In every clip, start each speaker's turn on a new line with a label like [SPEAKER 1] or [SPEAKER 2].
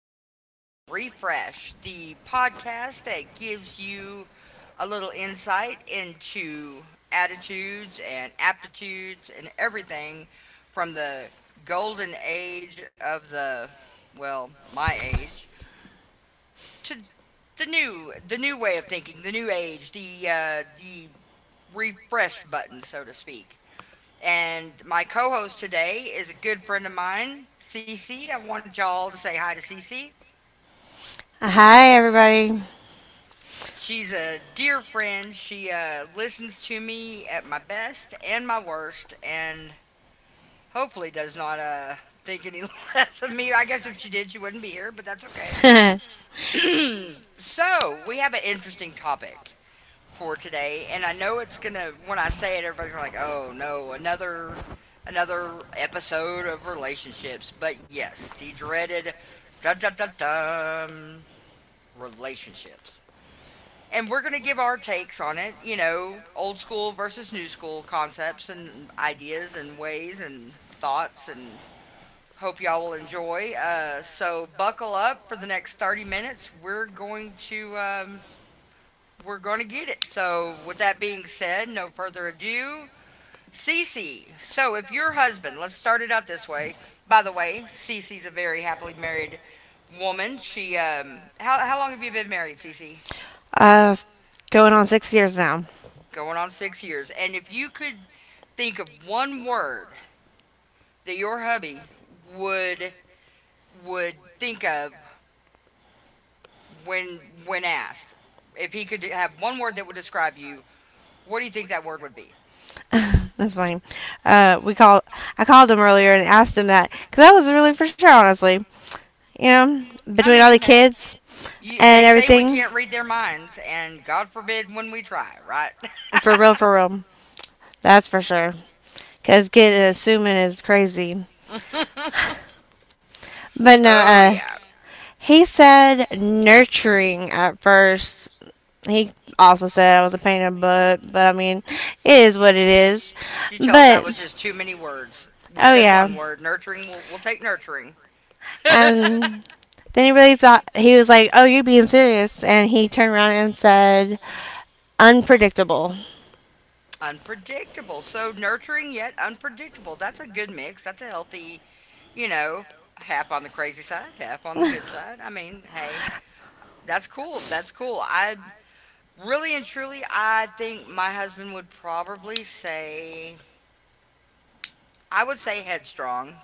[SPEAKER 1] Rewind and Refresh, the podcast that gives you a little insight into attitudes and aptitudes and everything from the golden age of the well, my age to the new way of thinking, the new age, the refresh button, so to speak. And my co-host today is a good friend of mine, Cece. I want y'all to say hi to Cece.
[SPEAKER 2] Hi, everybody.
[SPEAKER 1] She's a dear friend. She listens to me at my best and my worst, and hopefully does not think any less of me. I guess if she did, she wouldn't be here, but that's okay. So, we have an interesting topic for today, and I know it's gonna. When I say it, everybody's gonna like, "Oh no, another." Another episode of relationships, but yes, the dreaded dun, dun, dun, dun, relationships and we're going to give our takes on it, you know, old school versus new school concepts and ideas and ways and thoughts and hope y'all will enjoy. So buckle up for the next 30 minutes. We're going to get it. So with that being said, no further ado. Cece. So if your husband, let's start it out this way. By the way, Cece's a very happily married woman. She how long have you been married, Cece?
[SPEAKER 2] uh, Going on 6 years now.
[SPEAKER 1] Going on 6 years, and if you could think of one word that your hubby would would think of when when asked, if he could have one word that would describe you, what do you think that word would be?
[SPEAKER 2] That's funny. We called. I called him earlier and asked him that because I was really for sure, honestly. You know,
[SPEAKER 1] I
[SPEAKER 2] between all the
[SPEAKER 1] mean,
[SPEAKER 2] kids
[SPEAKER 1] they
[SPEAKER 2] and
[SPEAKER 1] say we
[SPEAKER 2] everything,
[SPEAKER 1] can't read their minds, and God forbid when we try, right?
[SPEAKER 2] for real, for real. That's for sure. Because getting assuming is crazy. But no,
[SPEAKER 1] Oh
[SPEAKER 2] uh,
[SPEAKER 1] yeah.
[SPEAKER 2] he said nurturing at first. He also said I was a pain in the butt, but I mean, it is what it is.
[SPEAKER 1] You tell them that
[SPEAKER 2] But
[SPEAKER 1] was just too many words. We
[SPEAKER 2] oh
[SPEAKER 1] said
[SPEAKER 2] yeah.
[SPEAKER 1] one word, nurturing. We'll take nurturing.
[SPEAKER 2] And then he really thought, he was like, oh, you're being serious. And he turned around and said, unpredictable.
[SPEAKER 1] Unpredictable. So nurturing yet unpredictable. That's a good mix. That's a healthy, you know, half on the crazy side, half on the good side. I mean, hey, that's cool. That's cool. I really and truly, I think my husband would probably say, I would say headstrong.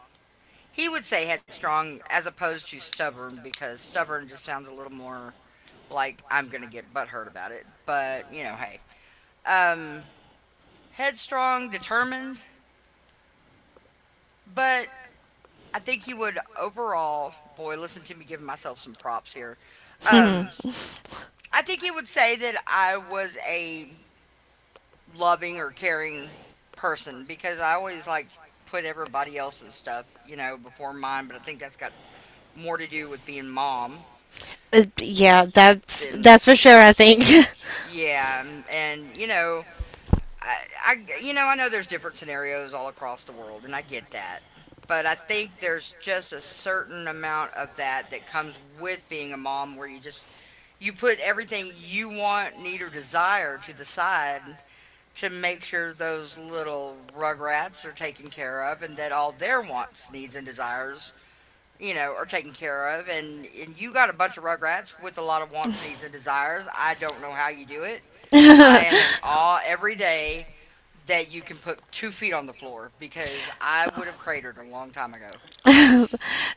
[SPEAKER 1] He would say headstrong as opposed to stubborn because stubborn just sounds a little more like I'm going to get butthurt about it. But, you know, hey. Um, Headstrong, determined, but I think he would overall. Boy, listen to me giving myself some props here. Um, I think he would say that I was a loving or caring person because I always like put everybody else's stuff, you know, before mine. But I think that's got more to do with being mom
[SPEAKER 2] Yeah, that's,
[SPEAKER 1] than
[SPEAKER 2] that's for sure, I think.
[SPEAKER 1] yeah, and you know, I, I you know, I know there's different scenarios all across the world, and I get that. But I think there's just a certain amount of that that comes with being a mom, where you just you put everything you want, need, or desire to the side to make sure those little rugrats are taken care of, and that all their wants, needs, and desires, you know, are taken care of. And you got a bunch of rugrats with a lot of wants, needs, and desires. I don't know how you do it. I am in awe every day that you can put two feet on the floor because I would have cratered a long time ago.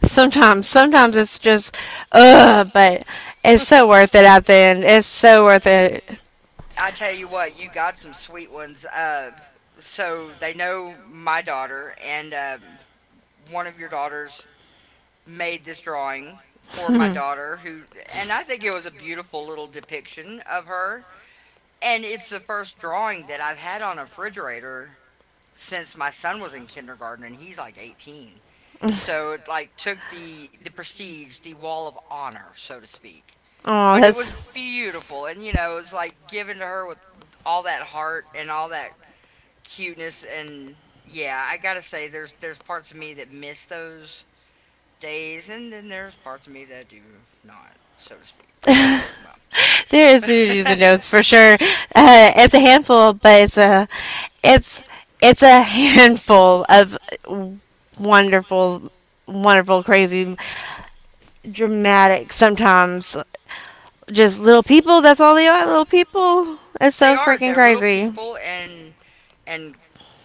[SPEAKER 2] Sometimes it's just, ugh, but it's so worth it at the end. It's so worth it.
[SPEAKER 1] I tell you what, you got some sweet ones. So they know my daughter, and one of your daughters made this drawing for my
[SPEAKER 2] oh.
[SPEAKER 1] daughter who and I think it was a beautiful little depiction of her, and it's the first drawing that I've had on a refrigerator since my son was in kindergarten and he's like 18. So it like took the prestige, the wall of honor, so to speak.
[SPEAKER 2] Oh,
[SPEAKER 1] But it
[SPEAKER 2] that's.
[SPEAKER 1] was beautiful, and you know, it was like given to her with all that heart and all that cuteness, and yeah, I gotta say, there's parts of me that miss those days, and then there's parts of me that do not, so to speak. Well,
[SPEAKER 2] There is Susie's and notes for sure. It's a handful, but it's it's a handful of wonderful, wonderful, crazy, dramatic. Sometimes just little people. That's all they are. Little people. It's
[SPEAKER 1] they
[SPEAKER 2] so
[SPEAKER 1] are,
[SPEAKER 2] freaking
[SPEAKER 1] they're little
[SPEAKER 2] crazy.
[SPEAKER 1] people, and and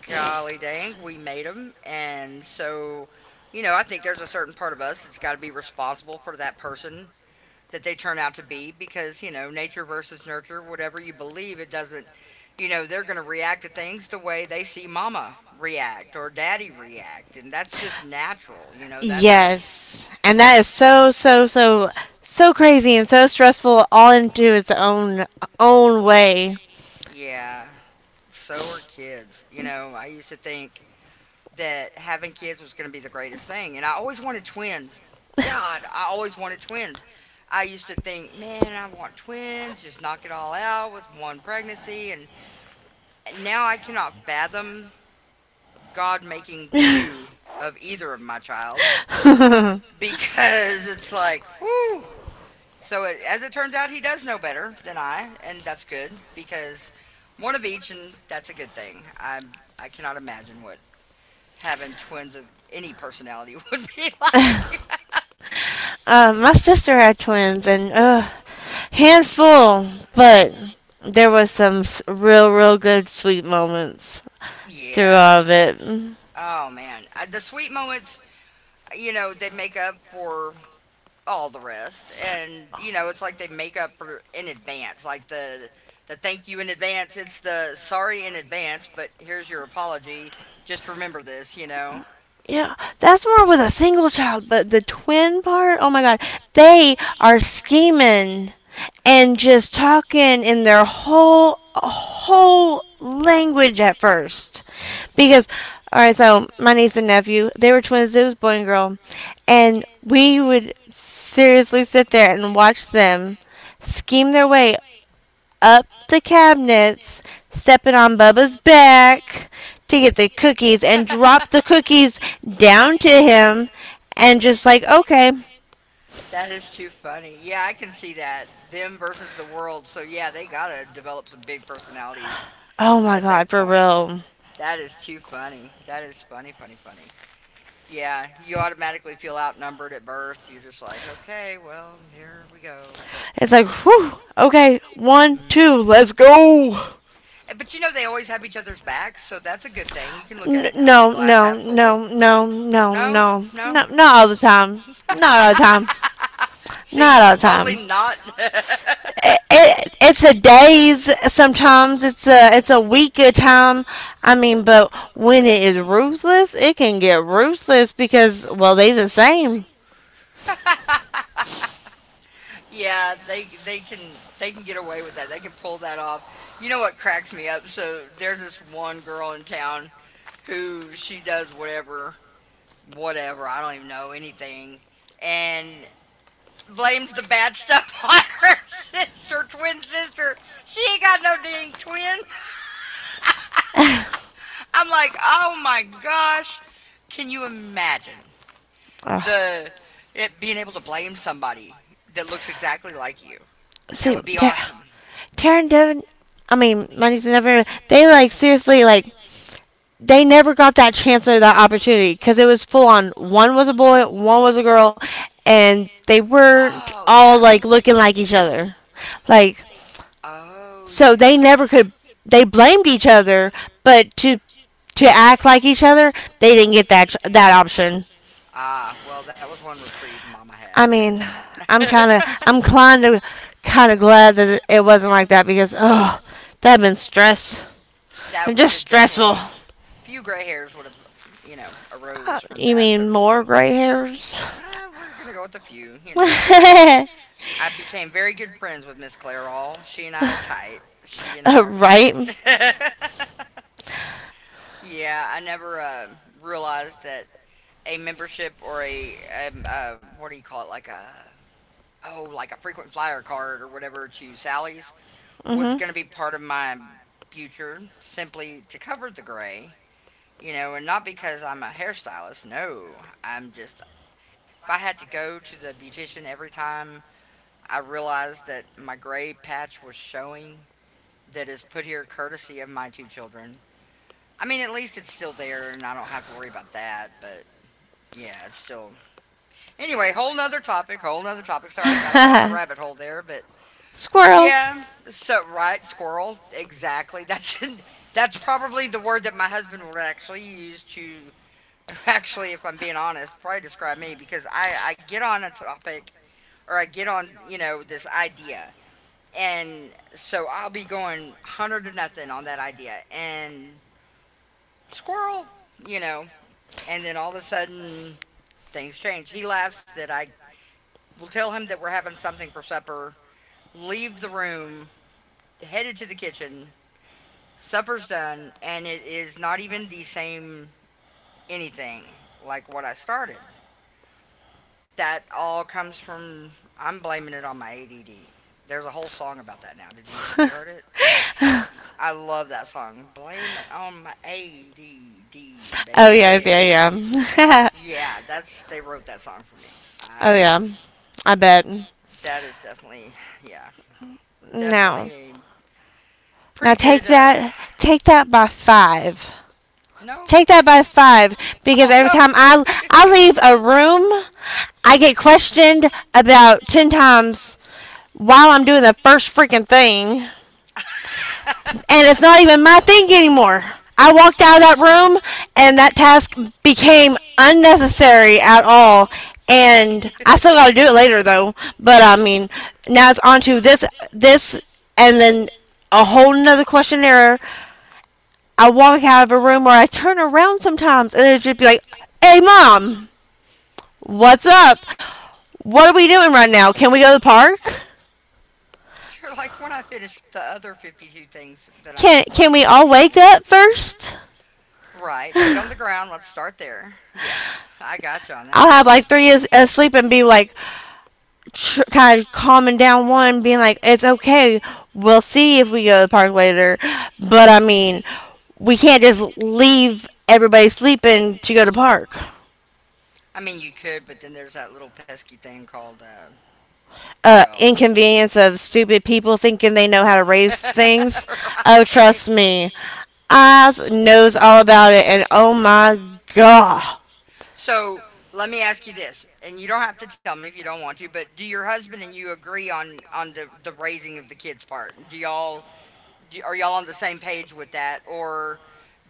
[SPEAKER 1] golly dang, we made them, and so you know, I think there's a certain part of us that's got to be responsible for that person that they turn out to be because, you know, nature versus nurture, whatever you believe, it doesn't, you know, they're going to react to things the way they see mama react or daddy react. And that's just natural. You know, that's,
[SPEAKER 2] Yes. And that is so crazy and so stressful all into its own way.
[SPEAKER 1] yeah, so are kids. You know, I used to think that having kids was going to be the greatest thing. And I always wanted twins. God, I always wanted twins. I used to think, man, I want twins, just knock it all out with one pregnancy and now I cannot fathom God making two of either of my child
[SPEAKER 2] uh,
[SPEAKER 1] because it's like, whoo. So it, as it turns out, he does know better than I, and that's good because one of each, and that's a good thing. I cannot imagine what having twins of any personality would be like.
[SPEAKER 2] my sister had twins and handful, but there was some real good sweet moments through
[SPEAKER 1] Yeah.
[SPEAKER 2] all of it.
[SPEAKER 1] Oh man, I, the sweet moments, you know, they make up for all the rest. And you know, it's like they make up for- in advance, like the thank you in advance. It's the sorry in advance, but here's your apology. Just remember this, you know.
[SPEAKER 2] Yeah, that's more with a single child, but the twin part, oh my god, they are scheming and just talking in their whole language at first. Because all right, so my niece and nephew, they were twins, it was boy and girl, and we would seriously sit there and watch them scheme their way up the cabinets, stepping on Bubba's back to get the cookies and dropped the cookies down to him and just like, okay,
[SPEAKER 1] That is too funny. Yeah, I can see that. Them versus the world. So yeah, they gotta develop some big personalities
[SPEAKER 2] oh my
[SPEAKER 1] at
[SPEAKER 2] god,
[SPEAKER 1] that
[SPEAKER 2] for
[SPEAKER 1] point.
[SPEAKER 2] real.
[SPEAKER 1] That is too funny. That is funny, funny, funny. Yeah, you automatically feel outnumbered at birth. You're just like, okay, well, here we go. But
[SPEAKER 2] It's like, whew, okay, one, two,
[SPEAKER 1] man.
[SPEAKER 2] let's go.
[SPEAKER 1] Eh, but you know, they always have each other's backs, so that's a good thing. You can look at
[SPEAKER 2] N-
[SPEAKER 1] it that way.
[SPEAKER 2] no,
[SPEAKER 1] Glass
[SPEAKER 2] no,
[SPEAKER 1] half full.
[SPEAKER 2] no, no, no,
[SPEAKER 1] No?
[SPEAKER 2] no,
[SPEAKER 1] No?
[SPEAKER 2] no, not all the time. Not all the time.
[SPEAKER 1] See?
[SPEAKER 2] Not all the time.
[SPEAKER 1] Totally not.
[SPEAKER 2] It, it's a days sometimes it's a week of time. I mean, but when it is ruthless, it can get ruthless because well, they the same.
[SPEAKER 1] Yeah, they can they can get away with that. They can pull that off. You know what cracks me up? So there's this one girl in town who she does whatever, whatever. I don't even know anything, and blames the bad stuff on her sister, twin sister. She ain't got no dang twin. I'm like, oh my gosh, can you imagine
[SPEAKER 2] Ugh.
[SPEAKER 1] the it being able to blame somebody that looks exactly like you? That
[SPEAKER 2] see
[SPEAKER 1] would be
[SPEAKER 2] Tar-
[SPEAKER 1] awesome.
[SPEAKER 2] Taryn Devin, I mean Money's never. They like seriously like they never got that chance or that opportunity because it was full on. One was a boy, one was a girl, and they weren't
[SPEAKER 1] Oh
[SPEAKER 2] all
[SPEAKER 1] yeah.
[SPEAKER 2] like looking like each other, like,
[SPEAKER 1] Oh yeah.
[SPEAKER 2] so they never could.
[SPEAKER 1] So
[SPEAKER 2] They blamed each other, but to act like each other, they didn't get that option.
[SPEAKER 1] ah, well, that was one reprieve Mama had
[SPEAKER 2] I
[SPEAKER 1] then. Mean,
[SPEAKER 2] mean, I'm
[SPEAKER 1] I'm
[SPEAKER 2] kind of I'm inclined to kind of glad that it wasn't like that because oh, that'd been stress.
[SPEAKER 1] that
[SPEAKER 2] I'm
[SPEAKER 1] would
[SPEAKER 2] just
[SPEAKER 1] have
[SPEAKER 2] stressful.
[SPEAKER 1] definitely few gray hairs would have you know arose from
[SPEAKER 2] You
[SPEAKER 1] that, so
[SPEAKER 2] mean
[SPEAKER 1] to
[SPEAKER 2] more
[SPEAKER 1] speak.
[SPEAKER 2] gray hairs?
[SPEAKER 1] uh, we're gonna go with a few, you know.
[SPEAKER 2] uh,
[SPEAKER 1] I became very good friends with Miss Claire. All She and I are tight, she and I are tight.
[SPEAKER 2] right?
[SPEAKER 1] Yeah, I never realized that a membership or a what do you call it, like a oh like a frequent flyer card or whatever to Sally's was
[SPEAKER 2] Mm-hmm.
[SPEAKER 1] gonna be part of my future simply to cover the gray. You know, and not because I'm a hairstylist. No, I'm just. If I had to go to the beautician every time I realized that my gray patch was showing, that is put here courtesy of my two children. I mean, at least it's still there, and I don't have to worry about that. But yeah, it's still. Anyway, whole nother topic, whole nother topic. Sorry, got up on a rabbit hole there, but
[SPEAKER 2] Squirrel.
[SPEAKER 1] yeah. So right, squirrel. Exactly. That's that's probably the word that my husband would actually use to actually, if I'm being honest, probably describe me because I get on a topic or I get on, you know, this idea. And so I'll be going 100 to nothing on that idea. And squirrel, you know, and then all of a sudden things change. He laughs that I will tell him that we're having something for supper, leave the room, headed to the kitchen. Supper's done, and it is not even the same anything like what I started. That all comes from I'm blaming it on my ADD. There's a whole song about that now. Did you have you heard it? I love that song. Blame it on my ADD,
[SPEAKER 2] Oh yeah, yeah,
[SPEAKER 1] baby.
[SPEAKER 2] yeah.
[SPEAKER 1] Yeah, that's they wrote that song for me.
[SPEAKER 2] oh
[SPEAKER 1] I,
[SPEAKER 2] yeah. I bet.
[SPEAKER 1] that is definitely yeah, definitely
[SPEAKER 2] No.
[SPEAKER 1] a
[SPEAKER 2] Now
[SPEAKER 1] pretty
[SPEAKER 2] take
[SPEAKER 1] good.
[SPEAKER 2] that take that by 5.
[SPEAKER 1] No,
[SPEAKER 2] Take that by 5
[SPEAKER 1] I'm
[SPEAKER 2] because
[SPEAKER 1] all
[SPEAKER 2] every
[SPEAKER 1] no.
[SPEAKER 2] time I leave a room, I get questioned about 10 times while I'm doing the first freaking thing, and it's not even my thing anymore. I walked out of that room and that task became unnecessary at all. And I still got to do it later though. But I mean, now it's on to this, and then a whole nother questionnaire. I walk out of a room or I turn around sometimes and it'll just be like, hey mom, what's
[SPEAKER 1] Yeah.
[SPEAKER 2] up? What are we doing right now? Can we go to the park?
[SPEAKER 1] You're like when I finish the other 52 things that I'm
[SPEAKER 2] Can
[SPEAKER 1] supposed to
[SPEAKER 2] we
[SPEAKER 1] be
[SPEAKER 2] all
[SPEAKER 1] doing right
[SPEAKER 2] wake
[SPEAKER 1] now.
[SPEAKER 2] up first?
[SPEAKER 1] Right, feet on the ground. Let's start there. Yeah, I got you on
[SPEAKER 2] I'll
[SPEAKER 1] that
[SPEAKER 2] have
[SPEAKER 1] one.
[SPEAKER 2] like three as asleep and be like kind of calming down one, being like, it's okay. We'll see if we go to the park later. But I mean, we can't just leave everybody sleeping to go to the park.
[SPEAKER 1] I mean, you could, but then there's that little pesky thing called,
[SPEAKER 2] Uh,
[SPEAKER 1] well,
[SPEAKER 2] inconvenience of stupid people thinking they know how to raise
[SPEAKER 1] right.
[SPEAKER 2] things. Oh, trust me, Oz knows all about it, and oh my god,
[SPEAKER 1] So let me ask you this, and you don't have to tell me if you don't want to, but do your husband and you agree on the raising of the kids part? Do y'all Are y'all on the same page with that, or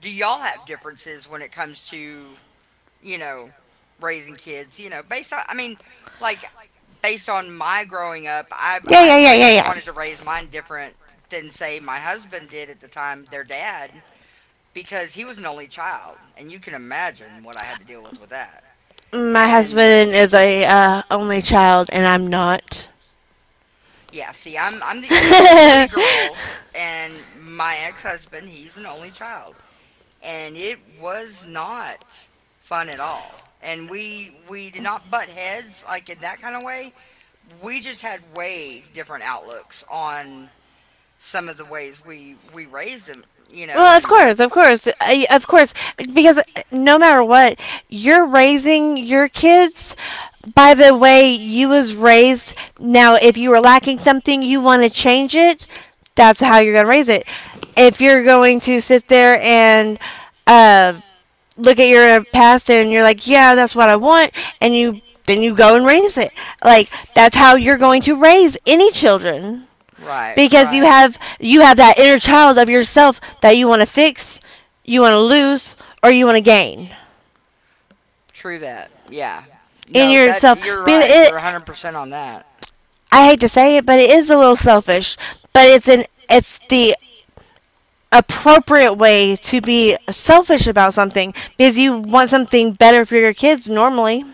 [SPEAKER 1] do y'all have differences when it comes to you know raising kids? You know, based on I mean, like based on my growing up, I
[SPEAKER 2] yeah,
[SPEAKER 1] I
[SPEAKER 2] yeah, yeah, yeah,
[SPEAKER 1] raised
[SPEAKER 2] yeah.
[SPEAKER 1] wanted to raise mine different than say my husband did at the time, their dad, because he was an only child, and you can imagine what I had to deal with that. My
[SPEAKER 2] My
[SPEAKER 1] And
[SPEAKER 2] husband is a only child, and I'm not.
[SPEAKER 1] yeah, see, I'm the oldest of three girls, and my ex-husband, he's an only child, and it was not fun at all. And we did not butt heads like in that kind of way. We just had way different outlooks on some of the ways we raised him.
[SPEAKER 2] Well,
[SPEAKER 1] And
[SPEAKER 2] of course, of course, because no matter what, you're raising your kids by the way you was raised. Now, if you were lacking something, you want to change it. That's how you're gonna raise it. If you're going to sit there and uh, look at your past and you're like, yeah, that's what I want, and you then you go and raise it. Like that's how you're going to raise any children
[SPEAKER 1] right,
[SPEAKER 2] because you
[SPEAKER 1] right,
[SPEAKER 2] have you have that inner child of yourself that you want to fix, you want to lose, or you want to gain
[SPEAKER 1] true that. Yeah,
[SPEAKER 2] in
[SPEAKER 1] no, that
[SPEAKER 2] yourself.
[SPEAKER 1] you're
[SPEAKER 2] Because
[SPEAKER 1] right.
[SPEAKER 2] it,
[SPEAKER 1] You're 100% on that.
[SPEAKER 2] I hate to say it, but it is a little selfish. But it's the appropriate way to be selfish about something because you want something better for your kids normally.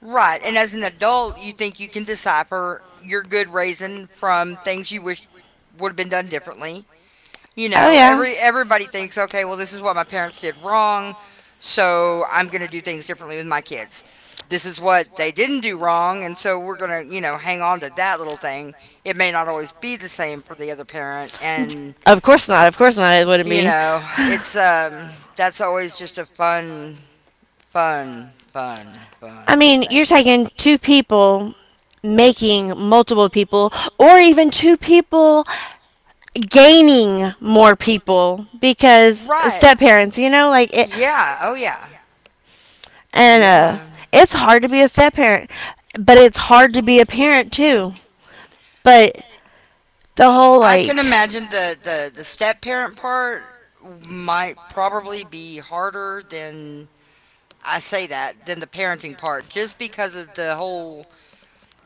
[SPEAKER 1] Right. And as an adult, you think you can decipher your good raising from things you wish would have been done differently. You
[SPEAKER 2] Oh
[SPEAKER 1] know,
[SPEAKER 2] yeah,
[SPEAKER 1] everybody thinks, okay, well, this is what my parents did wrong, so I'm going to do things differently with my kids. This is what they didn't do wrong, and so we're going to, hang on to that little thing. It may not always be the same for the other parent, and
[SPEAKER 2] of course not. Of course not. It wouldn't
[SPEAKER 1] you
[SPEAKER 2] be.
[SPEAKER 1] know, it's that's always just a fun fun fun fun
[SPEAKER 2] I mean,
[SPEAKER 1] thing.
[SPEAKER 2] you're taking two people making multiple people, or even two people gaining more people because
[SPEAKER 1] Right.
[SPEAKER 2] step parents, you know, like it,
[SPEAKER 1] Yeah. Oh, yeah.
[SPEAKER 2] and
[SPEAKER 1] Yeah.
[SPEAKER 2] it's hard to be a step parent, but it's hard to be a parent too. But the whole
[SPEAKER 1] I
[SPEAKER 2] like,
[SPEAKER 1] can imagine the step parent part might probably be harder than I say that than the parenting part, just because of the whole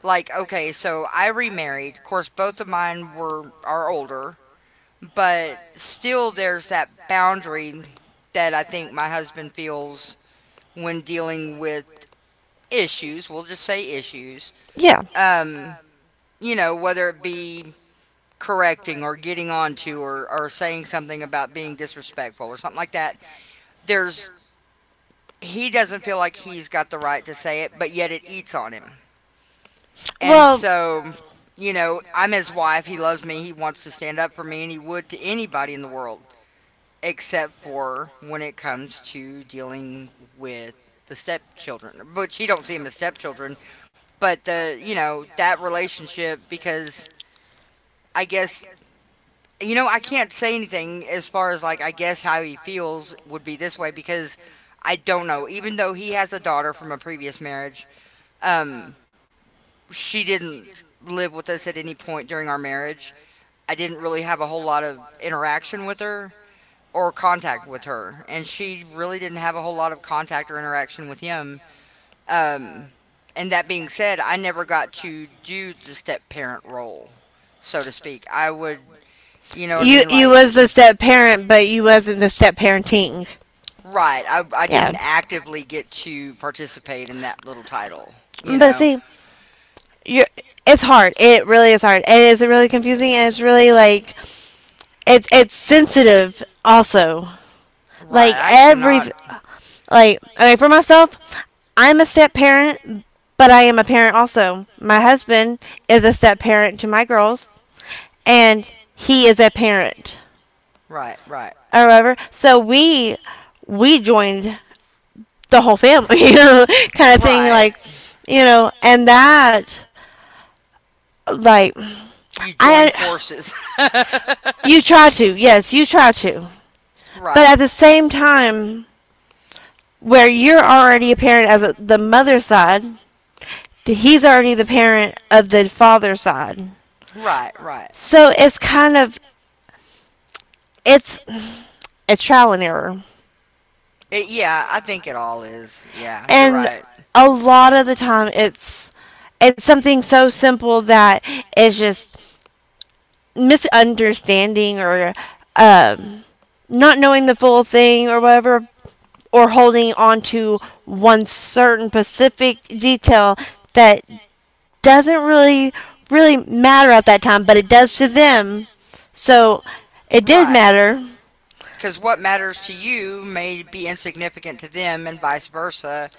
[SPEAKER 1] like. Okay, so I remarried. Of course, both of mine were are older, but still, there's that boundary that I think my husband feels when dealing with issues, we'll just say issues,
[SPEAKER 2] yeah,
[SPEAKER 1] um, whether it be correcting or getting onto or saying something about being disrespectful or something like that, there's he doesn't feel like he's got the right to say it, but yet it eats on him. And
[SPEAKER 2] well,
[SPEAKER 1] so, I'm his wife, he loves me, he wants to stand up for me and he would to anybody in the world, except for when it comes to dealing with the stepchildren, which he don't see them as stepchildren. But you know that relationship because I guess I can't say anything as far as like I guess how he feels would be this way because I don't know. Even though he has a daughter from a previous marriage, um, she didn't live with us at any point during our marriage. I didn't really have a whole lot of interaction with her or contact with her, and she really didn't have a whole lot of contact or interaction with him. Um, and that being said, I never got to do the step parent role. So to speak. I would, you know what I
[SPEAKER 2] you
[SPEAKER 1] mean?
[SPEAKER 2] you
[SPEAKER 1] Like,
[SPEAKER 2] was the step parent, but you wasn't the step parenting.
[SPEAKER 1] right. I
[SPEAKER 2] Yeah,
[SPEAKER 1] didn't actively get to participate in that little title, you
[SPEAKER 2] but
[SPEAKER 1] know?
[SPEAKER 2] see, you. It's hard. It really is hard. It is really confusing and it's really like it's sensitive also. Like
[SPEAKER 1] Right. I
[SPEAKER 2] every,
[SPEAKER 1] cannot.
[SPEAKER 2] like, okay, for myself, I'm a step parent, but I am a parent also. My husband is a step parent to my girls and he is a parent
[SPEAKER 1] Right, right.
[SPEAKER 2] or whatever. So we joined the whole family, you know, kind of thing,
[SPEAKER 1] Right.
[SPEAKER 2] like you know, and that like
[SPEAKER 1] You join
[SPEAKER 2] I.
[SPEAKER 1] forces. right,
[SPEAKER 2] You try to. Yes, you try to. But at the same time, where you're already a parent as a, the mother side, he's already the parent of the father side.
[SPEAKER 1] right, right.
[SPEAKER 2] So it's kind of it's a trial and error.
[SPEAKER 1] Yeah, I think it all is. Yeah, you're
[SPEAKER 2] And
[SPEAKER 1] right.
[SPEAKER 2] a lot of the time it's something so simple that it's just misunderstanding or um, not knowing the full thing or whatever or holding on to one certain specific detail that doesn't really matter at that time, but it does to them. So it did
[SPEAKER 1] Right.
[SPEAKER 2] matter.
[SPEAKER 1] Because what matters to you may be insignificant to them and vice versa,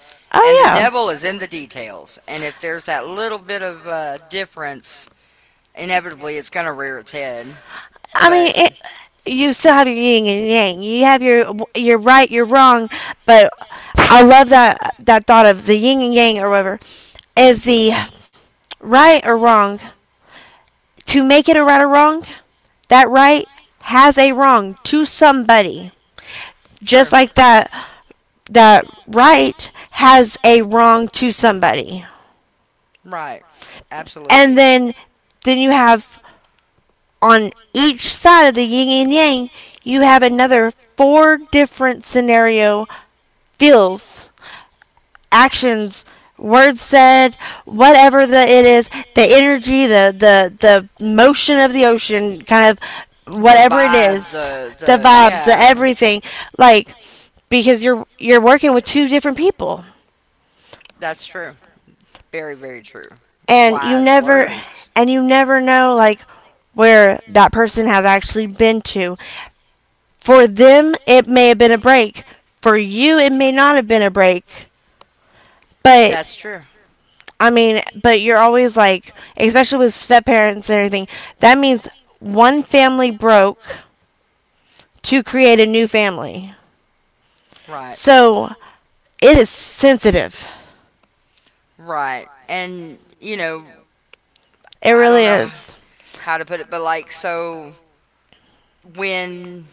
[SPEAKER 1] and
[SPEAKER 2] Oh
[SPEAKER 1] the
[SPEAKER 2] yeah.
[SPEAKER 1] devil is in the details, and if there's that little bit of difference, inevitably it's going to rear its head.
[SPEAKER 2] I mean,
[SPEAKER 1] But I
[SPEAKER 2] it,
[SPEAKER 1] mean, it,
[SPEAKER 2] you still have your yin and yang. You have your right, your wrong, but I love that that thought of the yin and yang or whatever is the right or wrong. To make it a right or wrong, that right has a wrong to somebody. Just
[SPEAKER 1] true.
[SPEAKER 2] like that. That right has a wrong to somebody.
[SPEAKER 1] Right.
[SPEAKER 2] And
[SPEAKER 1] Absolutely. and
[SPEAKER 2] then you have on each side of the yin and yang you have another four different scenario, feels, actions, words said, whatever the it is, the energy, the motion of the ocean, kind of
[SPEAKER 1] and then the
[SPEAKER 2] whatever it
[SPEAKER 1] vibe,
[SPEAKER 2] is,
[SPEAKER 1] the
[SPEAKER 2] the
[SPEAKER 1] the
[SPEAKER 2] vibes, the
[SPEAKER 1] yeah.
[SPEAKER 2] everything, like, because you're working with two different people.
[SPEAKER 1] That's true. Very, very true.
[SPEAKER 2] and you
[SPEAKER 1] Wise
[SPEAKER 2] never
[SPEAKER 1] words.
[SPEAKER 2] and you never know, like, where that person has actually been to. For them, it may have been a break. For you, it may not have been a break. But,
[SPEAKER 1] That's true.
[SPEAKER 2] I mean, but you're always like, especially with step parents and everything, that means one family broke to create a new family.
[SPEAKER 1] Right. So,
[SPEAKER 2] So, it is sensitive.
[SPEAKER 1] right. And,
[SPEAKER 2] It
[SPEAKER 1] I don't
[SPEAKER 2] really
[SPEAKER 1] know
[SPEAKER 2] is.
[SPEAKER 1] how to put it, but like, so when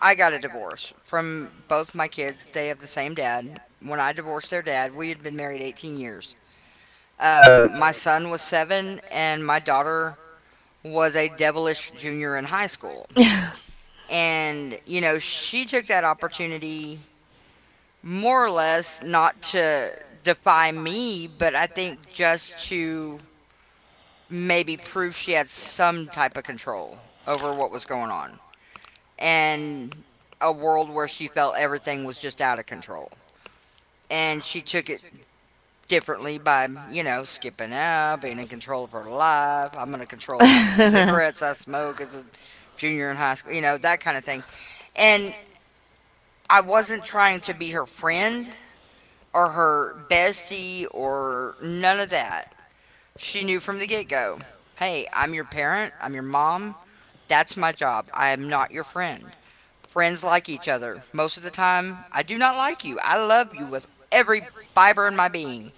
[SPEAKER 1] I got a divorce from both my kids, they have the same dad. When I divorced their dad, we had been married 18 years. My son was seven, and my daughter was a devilish junior in high school. And, she took that opportunity more or less not to defy me, but I think just to maybe prove she had some type of control over what was going on, and a world where she felt everything was just out of control. And she took it differently by, skipping out, being in control of her life. I'm going to control how many cigarettes I smoke as a junior in high school, that kind of thing. And I wasn't trying to be her friend or her bestie or none of that. She knew from the get go, hey, I'm your parent, I'm your mom. That's my job. I am not your friend. Friends like each other. Most of the time, I do not like you. I love you with every fiber in my being.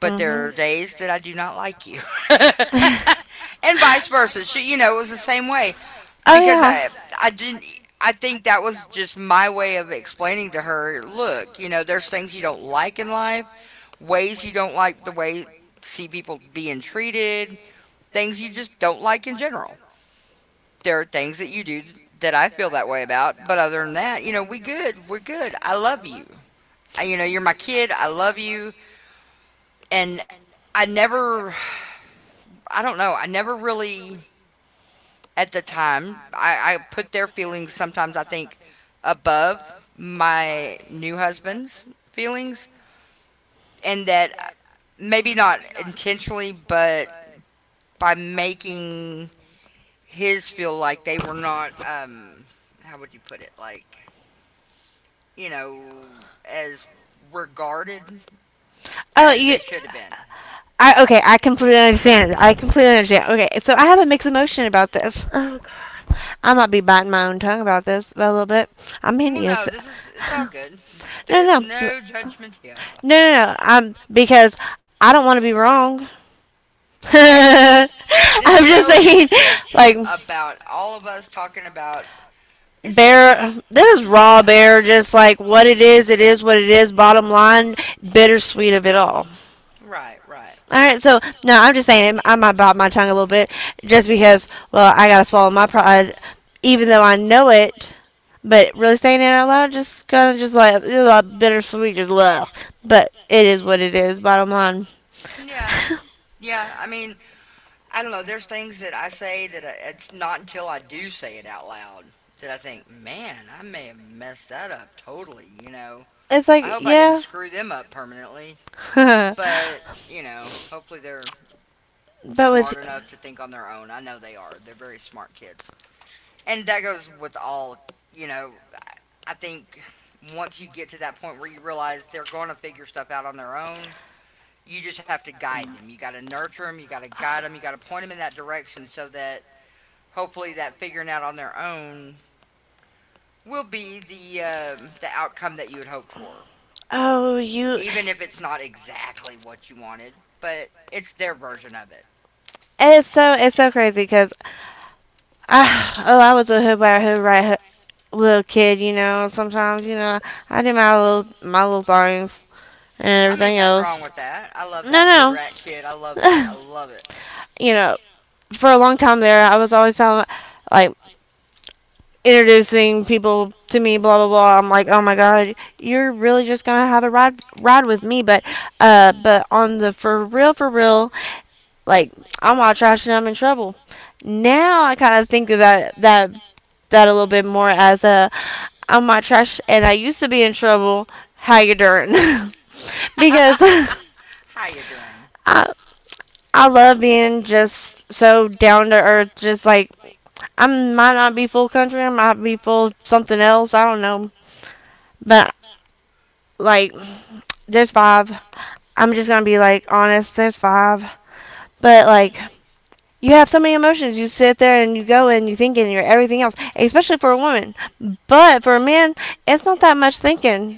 [SPEAKER 1] But
[SPEAKER 2] 'cause
[SPEAKER 1] there are
[SPEAKER 2] Mhm.
[SPEAKER 1] days that I do not like you. And vice versa. It was the same way
[SPEAKER 2] Oh
[SPEAKER 1] because
[SPEAKER 2] yeah.
[SPEAKER 1] I didn't. I think that was just my way of explaining to her. Look, there's things you don't like in life, ways you don't like the way see people being treated, things you just don't like in general, there are things that you do that I feel that way about. But other than that, we good. We're good. I love you. You know, you're my kid. I love you. And I never, I don't know, I never really, at the time, I put their feelings sometimes, I think, above my new husband's feelings. And that maybe not intentionally, but by making his feel like they were not, how would you put it? Like, you know, as regarded
[SPEAKER 2] Oh,
[SPEAKER 1] as
[SPEAKER 2] you.
[SPEAKER 1] they should have been.
[SPEAKER 2] I okay, I completely understand. I completely understand. Okay, so I have a mixed emotion about this. Oh god. I might be biting my own tongue about this a little bit. I'm
[SPEAKER 1] Well,
[SPEAKER 2] hideous.
[SPEAKER 1] no, it's all good.
[SPEAKER 2] No, no,
[SPEAKER 1] There's
[SPEAKER 2] no, no,
[SPEAKER 1] no judgment here.
[SPEAKER 2] no. I'm because I don't want to be wrong.
[SPEAKER 1] Hey, this
[SPEAKER 2] I'm just
[SPEAKER 1] show is
[SPEAKER 2] saying,
[SPEAKER 1] just
[SPEAKER 2] like,
[SPEAKER 1] about all of us talking about, it's just,
[SPEAKER 2] bear. This is raw
[SPEAKER 1] yeah.
[SPEAKER 2] bear. Just like what it is what it is. Bottom line, bittersweet of it all.
[SPEAKER 1] Right, right.
[SPEAKER 2] All right, so no, I'm just saying I might bite my tongue a little bit just because, well, I gotta swallow my pride, even though I know it. But really saying it out loud, just kind of just like it's like bittersweet, just love. But it is what it is. Bottom line,
[SPEAKER 1] Yeah, yeah. I mean, I don't know. There's things that I say that it's not until I do say it out loud that I think, man, I may have messed that up totally.
[SPEAKER 2] it's like
[SPEAKER 1] I hope I
[SPEAKER 2] yeah,
[SPEAKER 1] didn't screw them up permanently.
[SPEAKER 2] but
[SPEAKER 1] But hopefully they're
[SPEAKER 2] with
[SPEAKER 1] smart enough to think on their own. I know they are. They're very smart kids, and that goes with all. You know, I think once you get to that point where you realize they're going to figure stuff out on their own, you just have to guide them. You got to nurture them. You got to guide them. You got to point them in that direction so that hopefully that figuring out on their own will be the outcome that you would hope for,
[SPEAKER 2] oh you,
[SPEAKER 1] even if it's not exactly what you wanted, but it's their version of it.
[SPEAKER 2] it's so crazy because I oh I was a hood by a hood right hood little kid, you know. Sometimes you know I do my little things and
[SPEAKER 1] I
[SPEAKER 2] everything
[SPEAKER 1] mean, nothing wrong
[SPEAKER 2] else.
[SPEAKER 1] with that. I love that hood
[SPEAKER 2] No,
[SPEAKER 1] rat kid. I love that.
[SPEAKER 2] no.
[SPEAKER 1] I love it.
[SPEAKER 2] You know, for a long time there, I was always telling, like, introducing people to me, blah blah blah. I'm like, oh my god, you're really just gonna have a ride with me, but on the for real, like, I'm all trash and I'm in trouble. Now I kind of think of that a little bit more as a I'm all trash and I used to be in trouble. How you doing? because
[SPEAKER 1] How you doing?
[SPEAKER 2] I I love being just so down to earth, just like I might not be full country. I might be full something else. I don't know. But like, there's five. I'm just gonna be like honest. There's five. But like, you have so many emotions. You sit there and you go and you think and you're everything else, especially for a woman. But for a man, it's not that much thinking.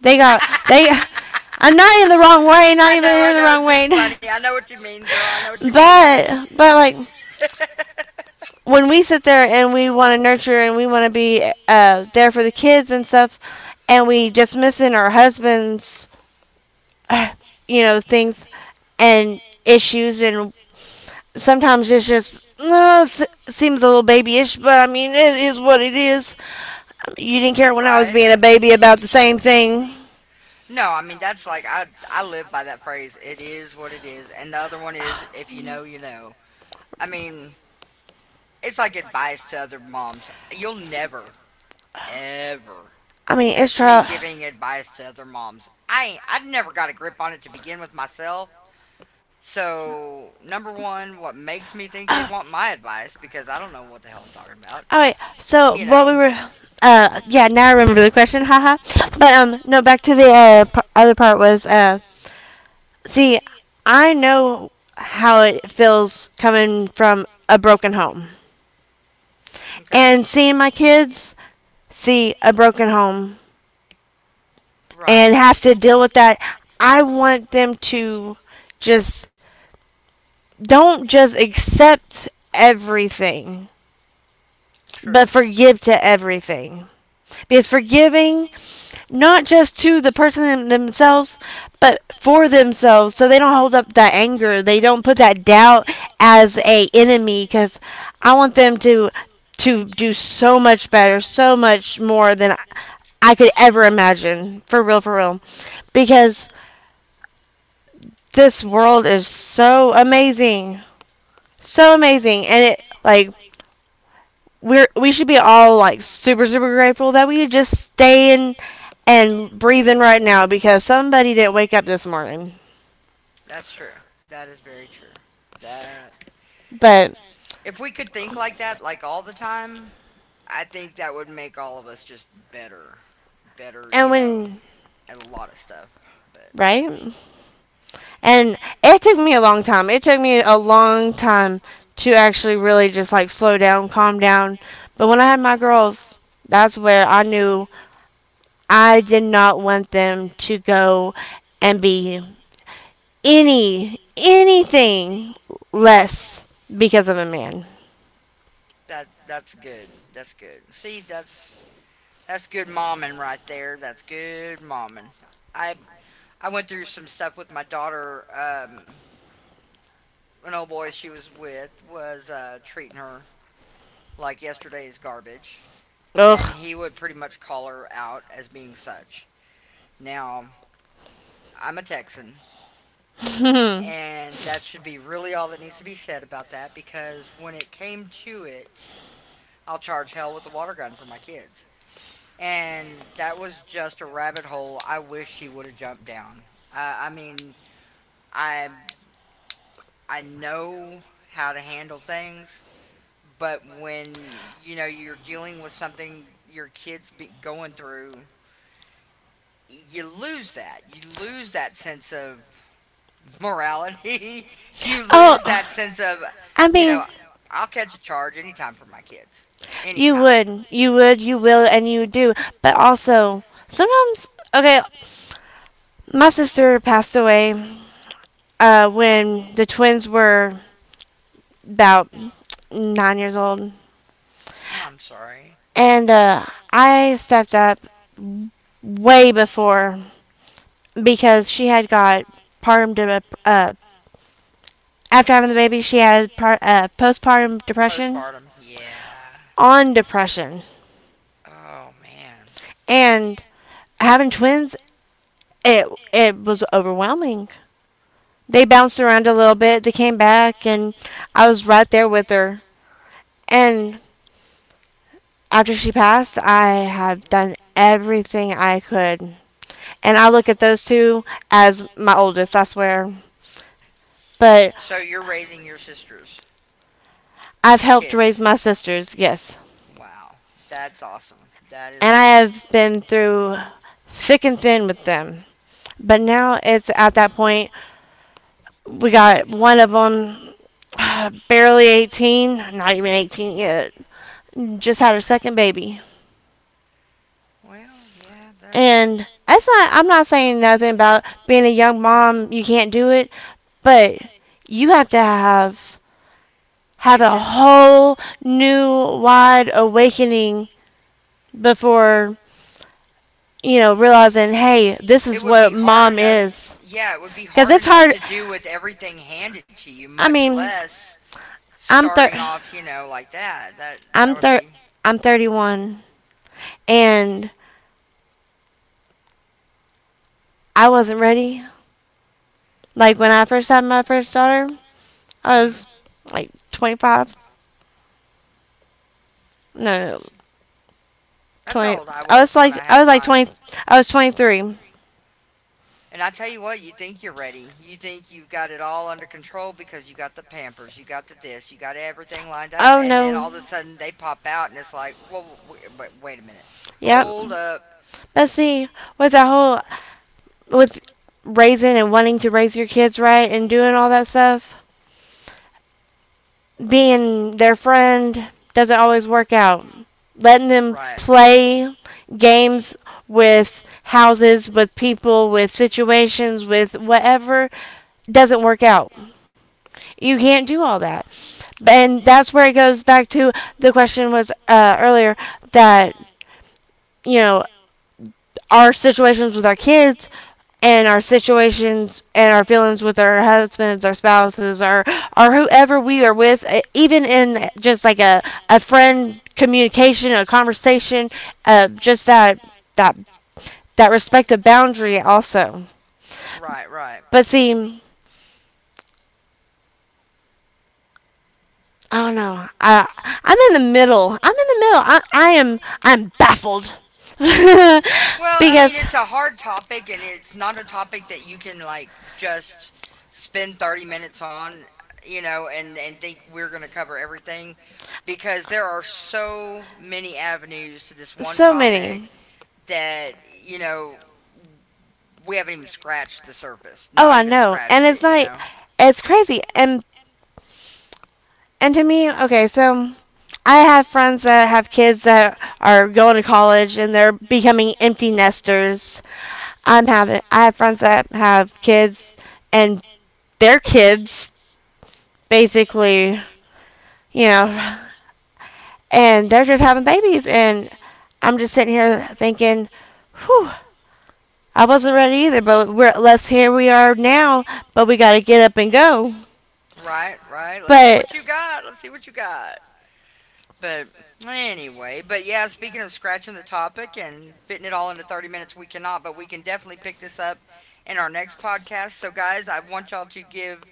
[SPEAKER 2] They got they. I'm not in the wrong way. Not
[SPEAKER 1] I
[SPEAKER 2] even
[SPEAKER 1] know,
[SPEAKER 2] in
[SPEAKER 1] I
[SPEAKER 2] the
[SPEAKER 1] know.
[SPEAKER 2] wrong
[SPEAKER 1] This
[SPEAKER 2] way.
[SPEAKER 1] is funny. I know what you mean, girl. I know what you mean. It's
[SPEAKER 2] But
[SPEAKER 1] just
[SPEAKER 2] when we sit there and we want to nurture and we want to be there for the kids and stuff, and we just missing our husbands, uh, things and issues, and sometimes it's just no, seems a little babyish, but I mean, it is what it is. You didn't care when I was
[SPEAKER 1] right.
[SPEAKER 2] being a baby about the same thing.
[SPEAKER 1] No, I mean that's like I live by that phrase. It is what it is. And the other one is if you know, you know. I mean, it's like advice to other moms. You'll never ever
[SPEAKER 2] I mean, it's
[SPEAKER 1] catch me
[SPEAKER 2] trial.
[SPEAKER 1] giving advice to other moms. I ain't, I never got a grip on it to begin with myself. So, number one, what makes me think they'd want my advice because I don't know what the hell I'm talking about.
[SPEAKER 2] All right, so
[SPEAKER 1] You
[SPEAKER 2] what
[SPEAKER 1] know.
[SPEAKER 2] we were. Yeah, now I remember the question, haha. But no, back to the other part was see, I know how it feels coming from a broken home
[SPEAKER 1] Okay.
[SPEAKER 2] and seeing my kids see a broken home
[SPEAKER 1] Right.
[SPEAKER 2] and have to deal with that. I want them to just don't just accept everything,
[SPEAKER 1] True.
[SPEAKER 2] but forgive to everything. Because forgiving not just to the person themselves, but for themselves, so they don't hold up that anger. They don't put that doubt as a enemy, because I want them to do so much better, so much more than I could ever imagine. For real, because this world is so amazing, and it like we should be all like super super grateful that we just stay in and breathing right now because somebody didn't wake up this morning.
[SPEAKER 1] That's true. That is very true. That
[SPEAKER 2] But
[SPEAKER 1] if we could think like that like all the time, I think that would make all of us just better, better,
[SPEAKER 2] and
[SPEAKER 1] you know,
[SPEAKER 2] when
[SPEAKER 1] at a lot of stuff. But
[SPEAKER 2] right and it took me a long time. It took me a long time to actually really just like slow down, calm down. But when I had my girls, that's where I knew I did not want them to go and be anything less because of a man.
[SPEAKER 1] that's good. That's good. See, that's good momming right there. That's good momming. I I went through some stuff with my daughter. An old boy she was with was treating her like yesterday's garbage, and
[SPEAKER 2] Ugh.
[SPEAKER 1] he would pretty much call her out as being such. Now I'm a Texan,
[SPEAKER 2] Mhm.
[SPEAKER 1] and that should be really all that needs to be said about that because when it came to it, I'll charge hell with a water gun for my kids. And that was just a rabbit hole I wish he would have jumped down. I mean, I I know how to handle things, but when you know you're dealing with something your kids be going through, you lose that. You lose that sense of morality. You lose that
[SPEAKER 2] Oh,
[SPEAKER 1] sense of,
[SPEAKER 2] I
[SPEAKER 1] you know,
[SPEAKER 2] mean,
[SPEAKER 1] I'll catch a charge anytime for my kids.
[SPEAKER 2] you
[SPEAKER 1] Anytime.
[SPEAKER 2] would, you would, you will, and you do. But also, sometimes, okay, my sister passed away when the twins were about 9 years old,
[SPEAKER 1] I'm sorry.
[SPEAKER 2] and I stepped up way before because she had got partum de- uh, after having the baby. She had postpartum depression
[SPEAKER 1] Postpartum. Yeah.
[SPEAKER 2] on depression,
[SPEAKER 1] Oh, man.
[SPEAKER 2] and having twins, it it was overwhelming they bounced around a little bit. They came back, and I was right there with her. And after she passed, I have done everything I could. And I look at those two as my oldest, I swear. But
[SPEAKER 1] So you're raising your sister's
[SPEAKER 2] I've helped raise
[SPEAKER 1] kids.
[SPEAKER 2] my sisters, yes.
[SPEAKER 1] Wow. That's awesome. That
[SPEAKER 2] And I
[SPEAKER 1] is,
[SPEAKER 2] have been through thick and thin with them. But now it's at that point, we got one of them barely 18, not even 18 yet, just had her second baby.
[SPEAKER 1] well, yeah, that,
[SPEAKER 2] And that's not, I'm not saying nothing about being a young mom, you can't do it, but you have to have
[SPEAKER 1] it
[SPEAKER 2] a
[SPEAKER 1] just,
[SPEAKER 2] whole new wide awakening before you know realizing hey this is
[SPEAKER 1] it would
[SPEAKER 2] what
[SPEAKER 1] be hard
[SPEAKER 2] mom
[SPEAKER 1] enough.
[SPEAKER 2] is
[SPEAKER 1] Yeah, it would be
[SPEAKER 2] because
[SPEAKER 1] hard
[SPEAKER 2] it's
[SPEAKER 1] enough
[SPEAKER 2] hard.
[SPEAKER 1] to do with everything handed to you,
[SPEAKER 2] I
[SPEAKER 1] much
[SPEAKER 2] mean,
[SPEAKER 1] less
[SPEAKER 2] i'm thir-
[SPEAKER 1] starting off, you know, like that. That
[SPEAKER 2] i'm
[SPEAKER 1] would
[SPEAKER 2] thir-
[SPEAKER 1] be.
[SPEAKER 2] I'm 31 and I wasn't ready like when I first had my first daughter. I
[SPEAKER 1] Hmm.
[SPEAKER 2] was like 25. No, no no.
[SPEAKER 1] That's how
[SPEAKER 2] 20.
[SPEAKER 1] old I was when I
[SPEAKER 2] I
[SPEAKER 1] had
[SPEAKER 2] was like
[SPEAKER 1] mine.
[SPEAKER 2] 20. I was 23.
[SPEAKER 1] And I tell you what, you think you're ready. You think you've got it all under control because you got the Pampers, you got the this, you got everything lined up,
[SPEAKER 2] Oh
[SPEAKER 1] and then
[SPEAKER 2] no.
[SPEAKER 1] all of a sudden they pop out, and it's like, whoa, wait a minute,
[SPEAKER 2] Yep.
[SPEAKER 1] hold up,
[SPEAKER 2] But see, with that whole with raising and wanting to raise your kids right and doing all that stuff, being their friend doesn't always work out. Letting them
[SPEAKER 1] right,
[SPEAKER 2] play games with houses, with people, with situations, with whatever doesn't work out. You can't do all that. And that's where it goes back to the question was earlier that you know, our situations with our kids and our situations and our feelings with our husbands, our spouses, or whoever we are with, even in just like a friend communication, a conversation, just that that respect of boundary also.
[SPEAKER 1] right, right.
[SPEAKER 2] But see. I don't know. I'm in the middle. I'm in the middle. I'm baffled.
[SPEAKER 1] Well, I mean,
[SPEAKER 2] because
[SPEAKER 1] it's a hard topic, and it's not a topic that you can like just spend 30 minutes on, you know, and think we're gonna
[SPEAKER 2] we
[SPEAKER 1] cover everything because there are so many avenues to this one
[SPEAKER 2] so many.
[SPEAKER 1] topic that you know we haven't even scratched the surface,
[SPEAKER 2] Oh,
[SPEAKER 1] not
[SPEAKER 2] I
[SPEAKER 1] even
[SPEAKER 2] know. And
[SPEAKER 1] scratched
[SPEAKER 2] it's
[SPEAKER 1] it, you
[SPEAKER 2] not
[SPEAKER 1] know.
[SPEAKER 2] it's crazy. And to me, okay, so I have friends that have kids that are going to college and they're becoming empty nesters. I have friends that have kids and their kids basically, you know, and they're just having babies. And I'm just sitting here thinking, whew, I wasn't ready either, but let's here we are now, but we got to get up and go.
[SPEAKER 1] Right, right. Let's see
[SPEAKER 2] But
[SPEAKER 1] what you got. Let's see what you got. But anyway, but yeah, speaking of scratching the topic and fitting it all into 30 minutes, we cannot, but we can definitely pick this up in our next podcast. So, guys, I want y'all to give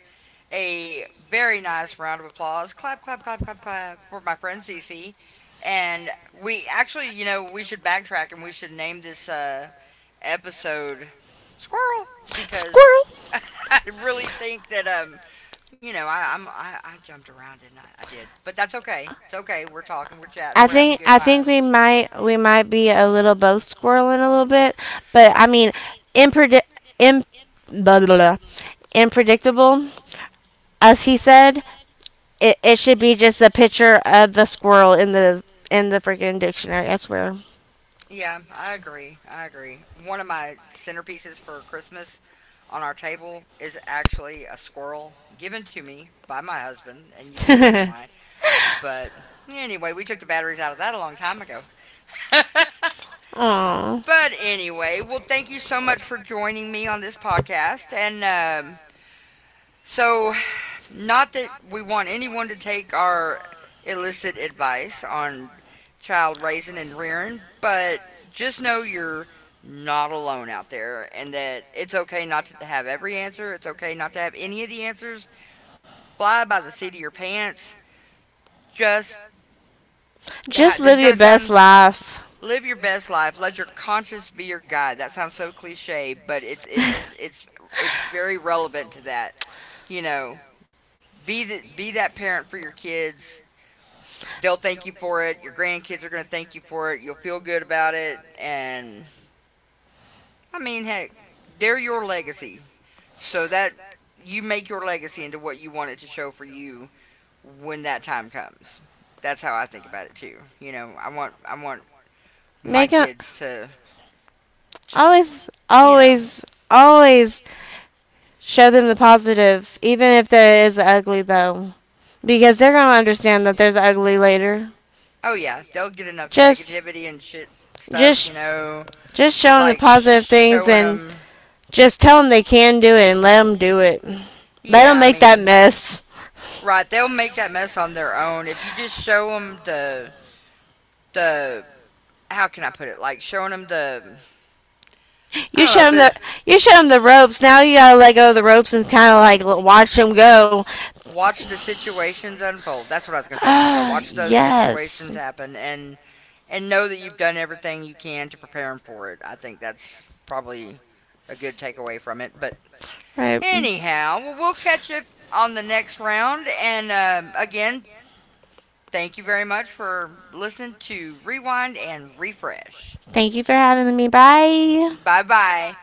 [SPEAKER 1] a very nice round of applause. Clap, clap, clap, clap, clap for my friend Cece. And we actually, you know, we should backtrack and we should name this episode Squirrel, because
[SPEAKER 2] squirrel.
[SPEAKER 1] I really think that you know, I jumped around and I did, but that's okay. It's okay. We're talking, we're chatting, we're having good
[SPEAKER 2] I think we
[SPEAKER 1] times.
[SPEAKER 2] might be a little both squirreling a little bit, but I mean, impredi- imp- blah, blah, blah, unpredictable, as he said. It should be just a picture of the squirrel in the freaking dictionary. I swear.
[SPEAKER 1] Be a little bit. Yeah, I agree. I agree. One of my centerpieces for Christmas on our table is actually a squirrel given to me by my husband, and you can assume why. But anyway, we took the batteries out of that a long time ago. But
[SPEAKER 2] Aw.
[SPEAKER 1] anyway, well, thank you so much for joining me on this podcast. And so not that we want anyone to take our illicit advice on child raising and rearing, but just know you're not alone out there and that it's okay not to have every answer. It's okay not to have any of the answers. Fly by the seat of your pants. Just,
[SPEAKER 2] Just
[SPEAKER 1] this is
[SPEAKER 2] live your
[SPEAKER 1] going to
[SPEAKER 2] best
[SPEAKER 1] sound,
[SPEAKER 2] life.
[SPEAKER 1] live your best life. Let your conscience be your guide. That sounds so cliche, but it's very relevant to that. You know, be that parent for your kids. They'll thank you for it. Your grandkids are going to thank you for it. You'll feel good about it. And I mean, heck, they're your legacy. So that you make your legacy into what you want it to show for you when that time comes. That's how I think about it too. You know, I want my
[SPEAKER 2] Make them
[SPEAKER 1] kids to to
[SPEAKER 2] always,
[SPEAKER 1] you know,
[SPEAKER 2] always, always show them the positive, even if there is ugly though, because they're gonna understand that there's ugly later.
[SPEAKER 1] oh yeah, they'll get enough
[SPEAKER 2] Just,
[SPEAKER 1] negativity and shit stuff.
[SPEAKER 2] just,
[SPEAKER 1] You know,
[SPEAKER 2] just show them the
[SPEAKER 1] like
[SPEAKER 2] positive things
[SPEAKER 1] showing
[SPEAKER 2] and
[SPEAKER 1] them.
[SPEAKER 2] just tell them they can do it and let them do it. Let them
[SPEAKER 1] Yeah, I
[SPEAKER 2] make that
[SPEAKER 1] mean,
[SPEAKER 2] mess.
[SPEAKER 1] right? They'll make that mess on their own if you just show them the how can I put it? Like showing them the I
[SPEAKER 2] You
[SPEAKER 1] don't
[SPEAKER 2] show
[SPEAKER 1] know if
[SPEAKER 2] them the
[SPEAKER 1] it,
[SPEAKER 2] you show them the ropes. Now you gotta let go of the ropes and kind of like watch them go.
[SPEAKER 1] watch the situations unfold. That's what I was gonna say a minute ago.
[SPEAKER 2] Ah,
[SPEAKER 1] Watch those
[SPEAKER 2] yes.
[SPEAKER 1] situations happen and know that you've done everything you can to prepare them for it. I think that's probably a good takeaway from it. But
[SPEAKER 2] Right.
[SPEAKER 1] anyhow, well, we'll catch up on the next round. And again, thank you very much for listening to Rewind and Refresh.
[SPEAKER 2] Thank you for having me. Bye.
[SPEAKER 1] Bye bye.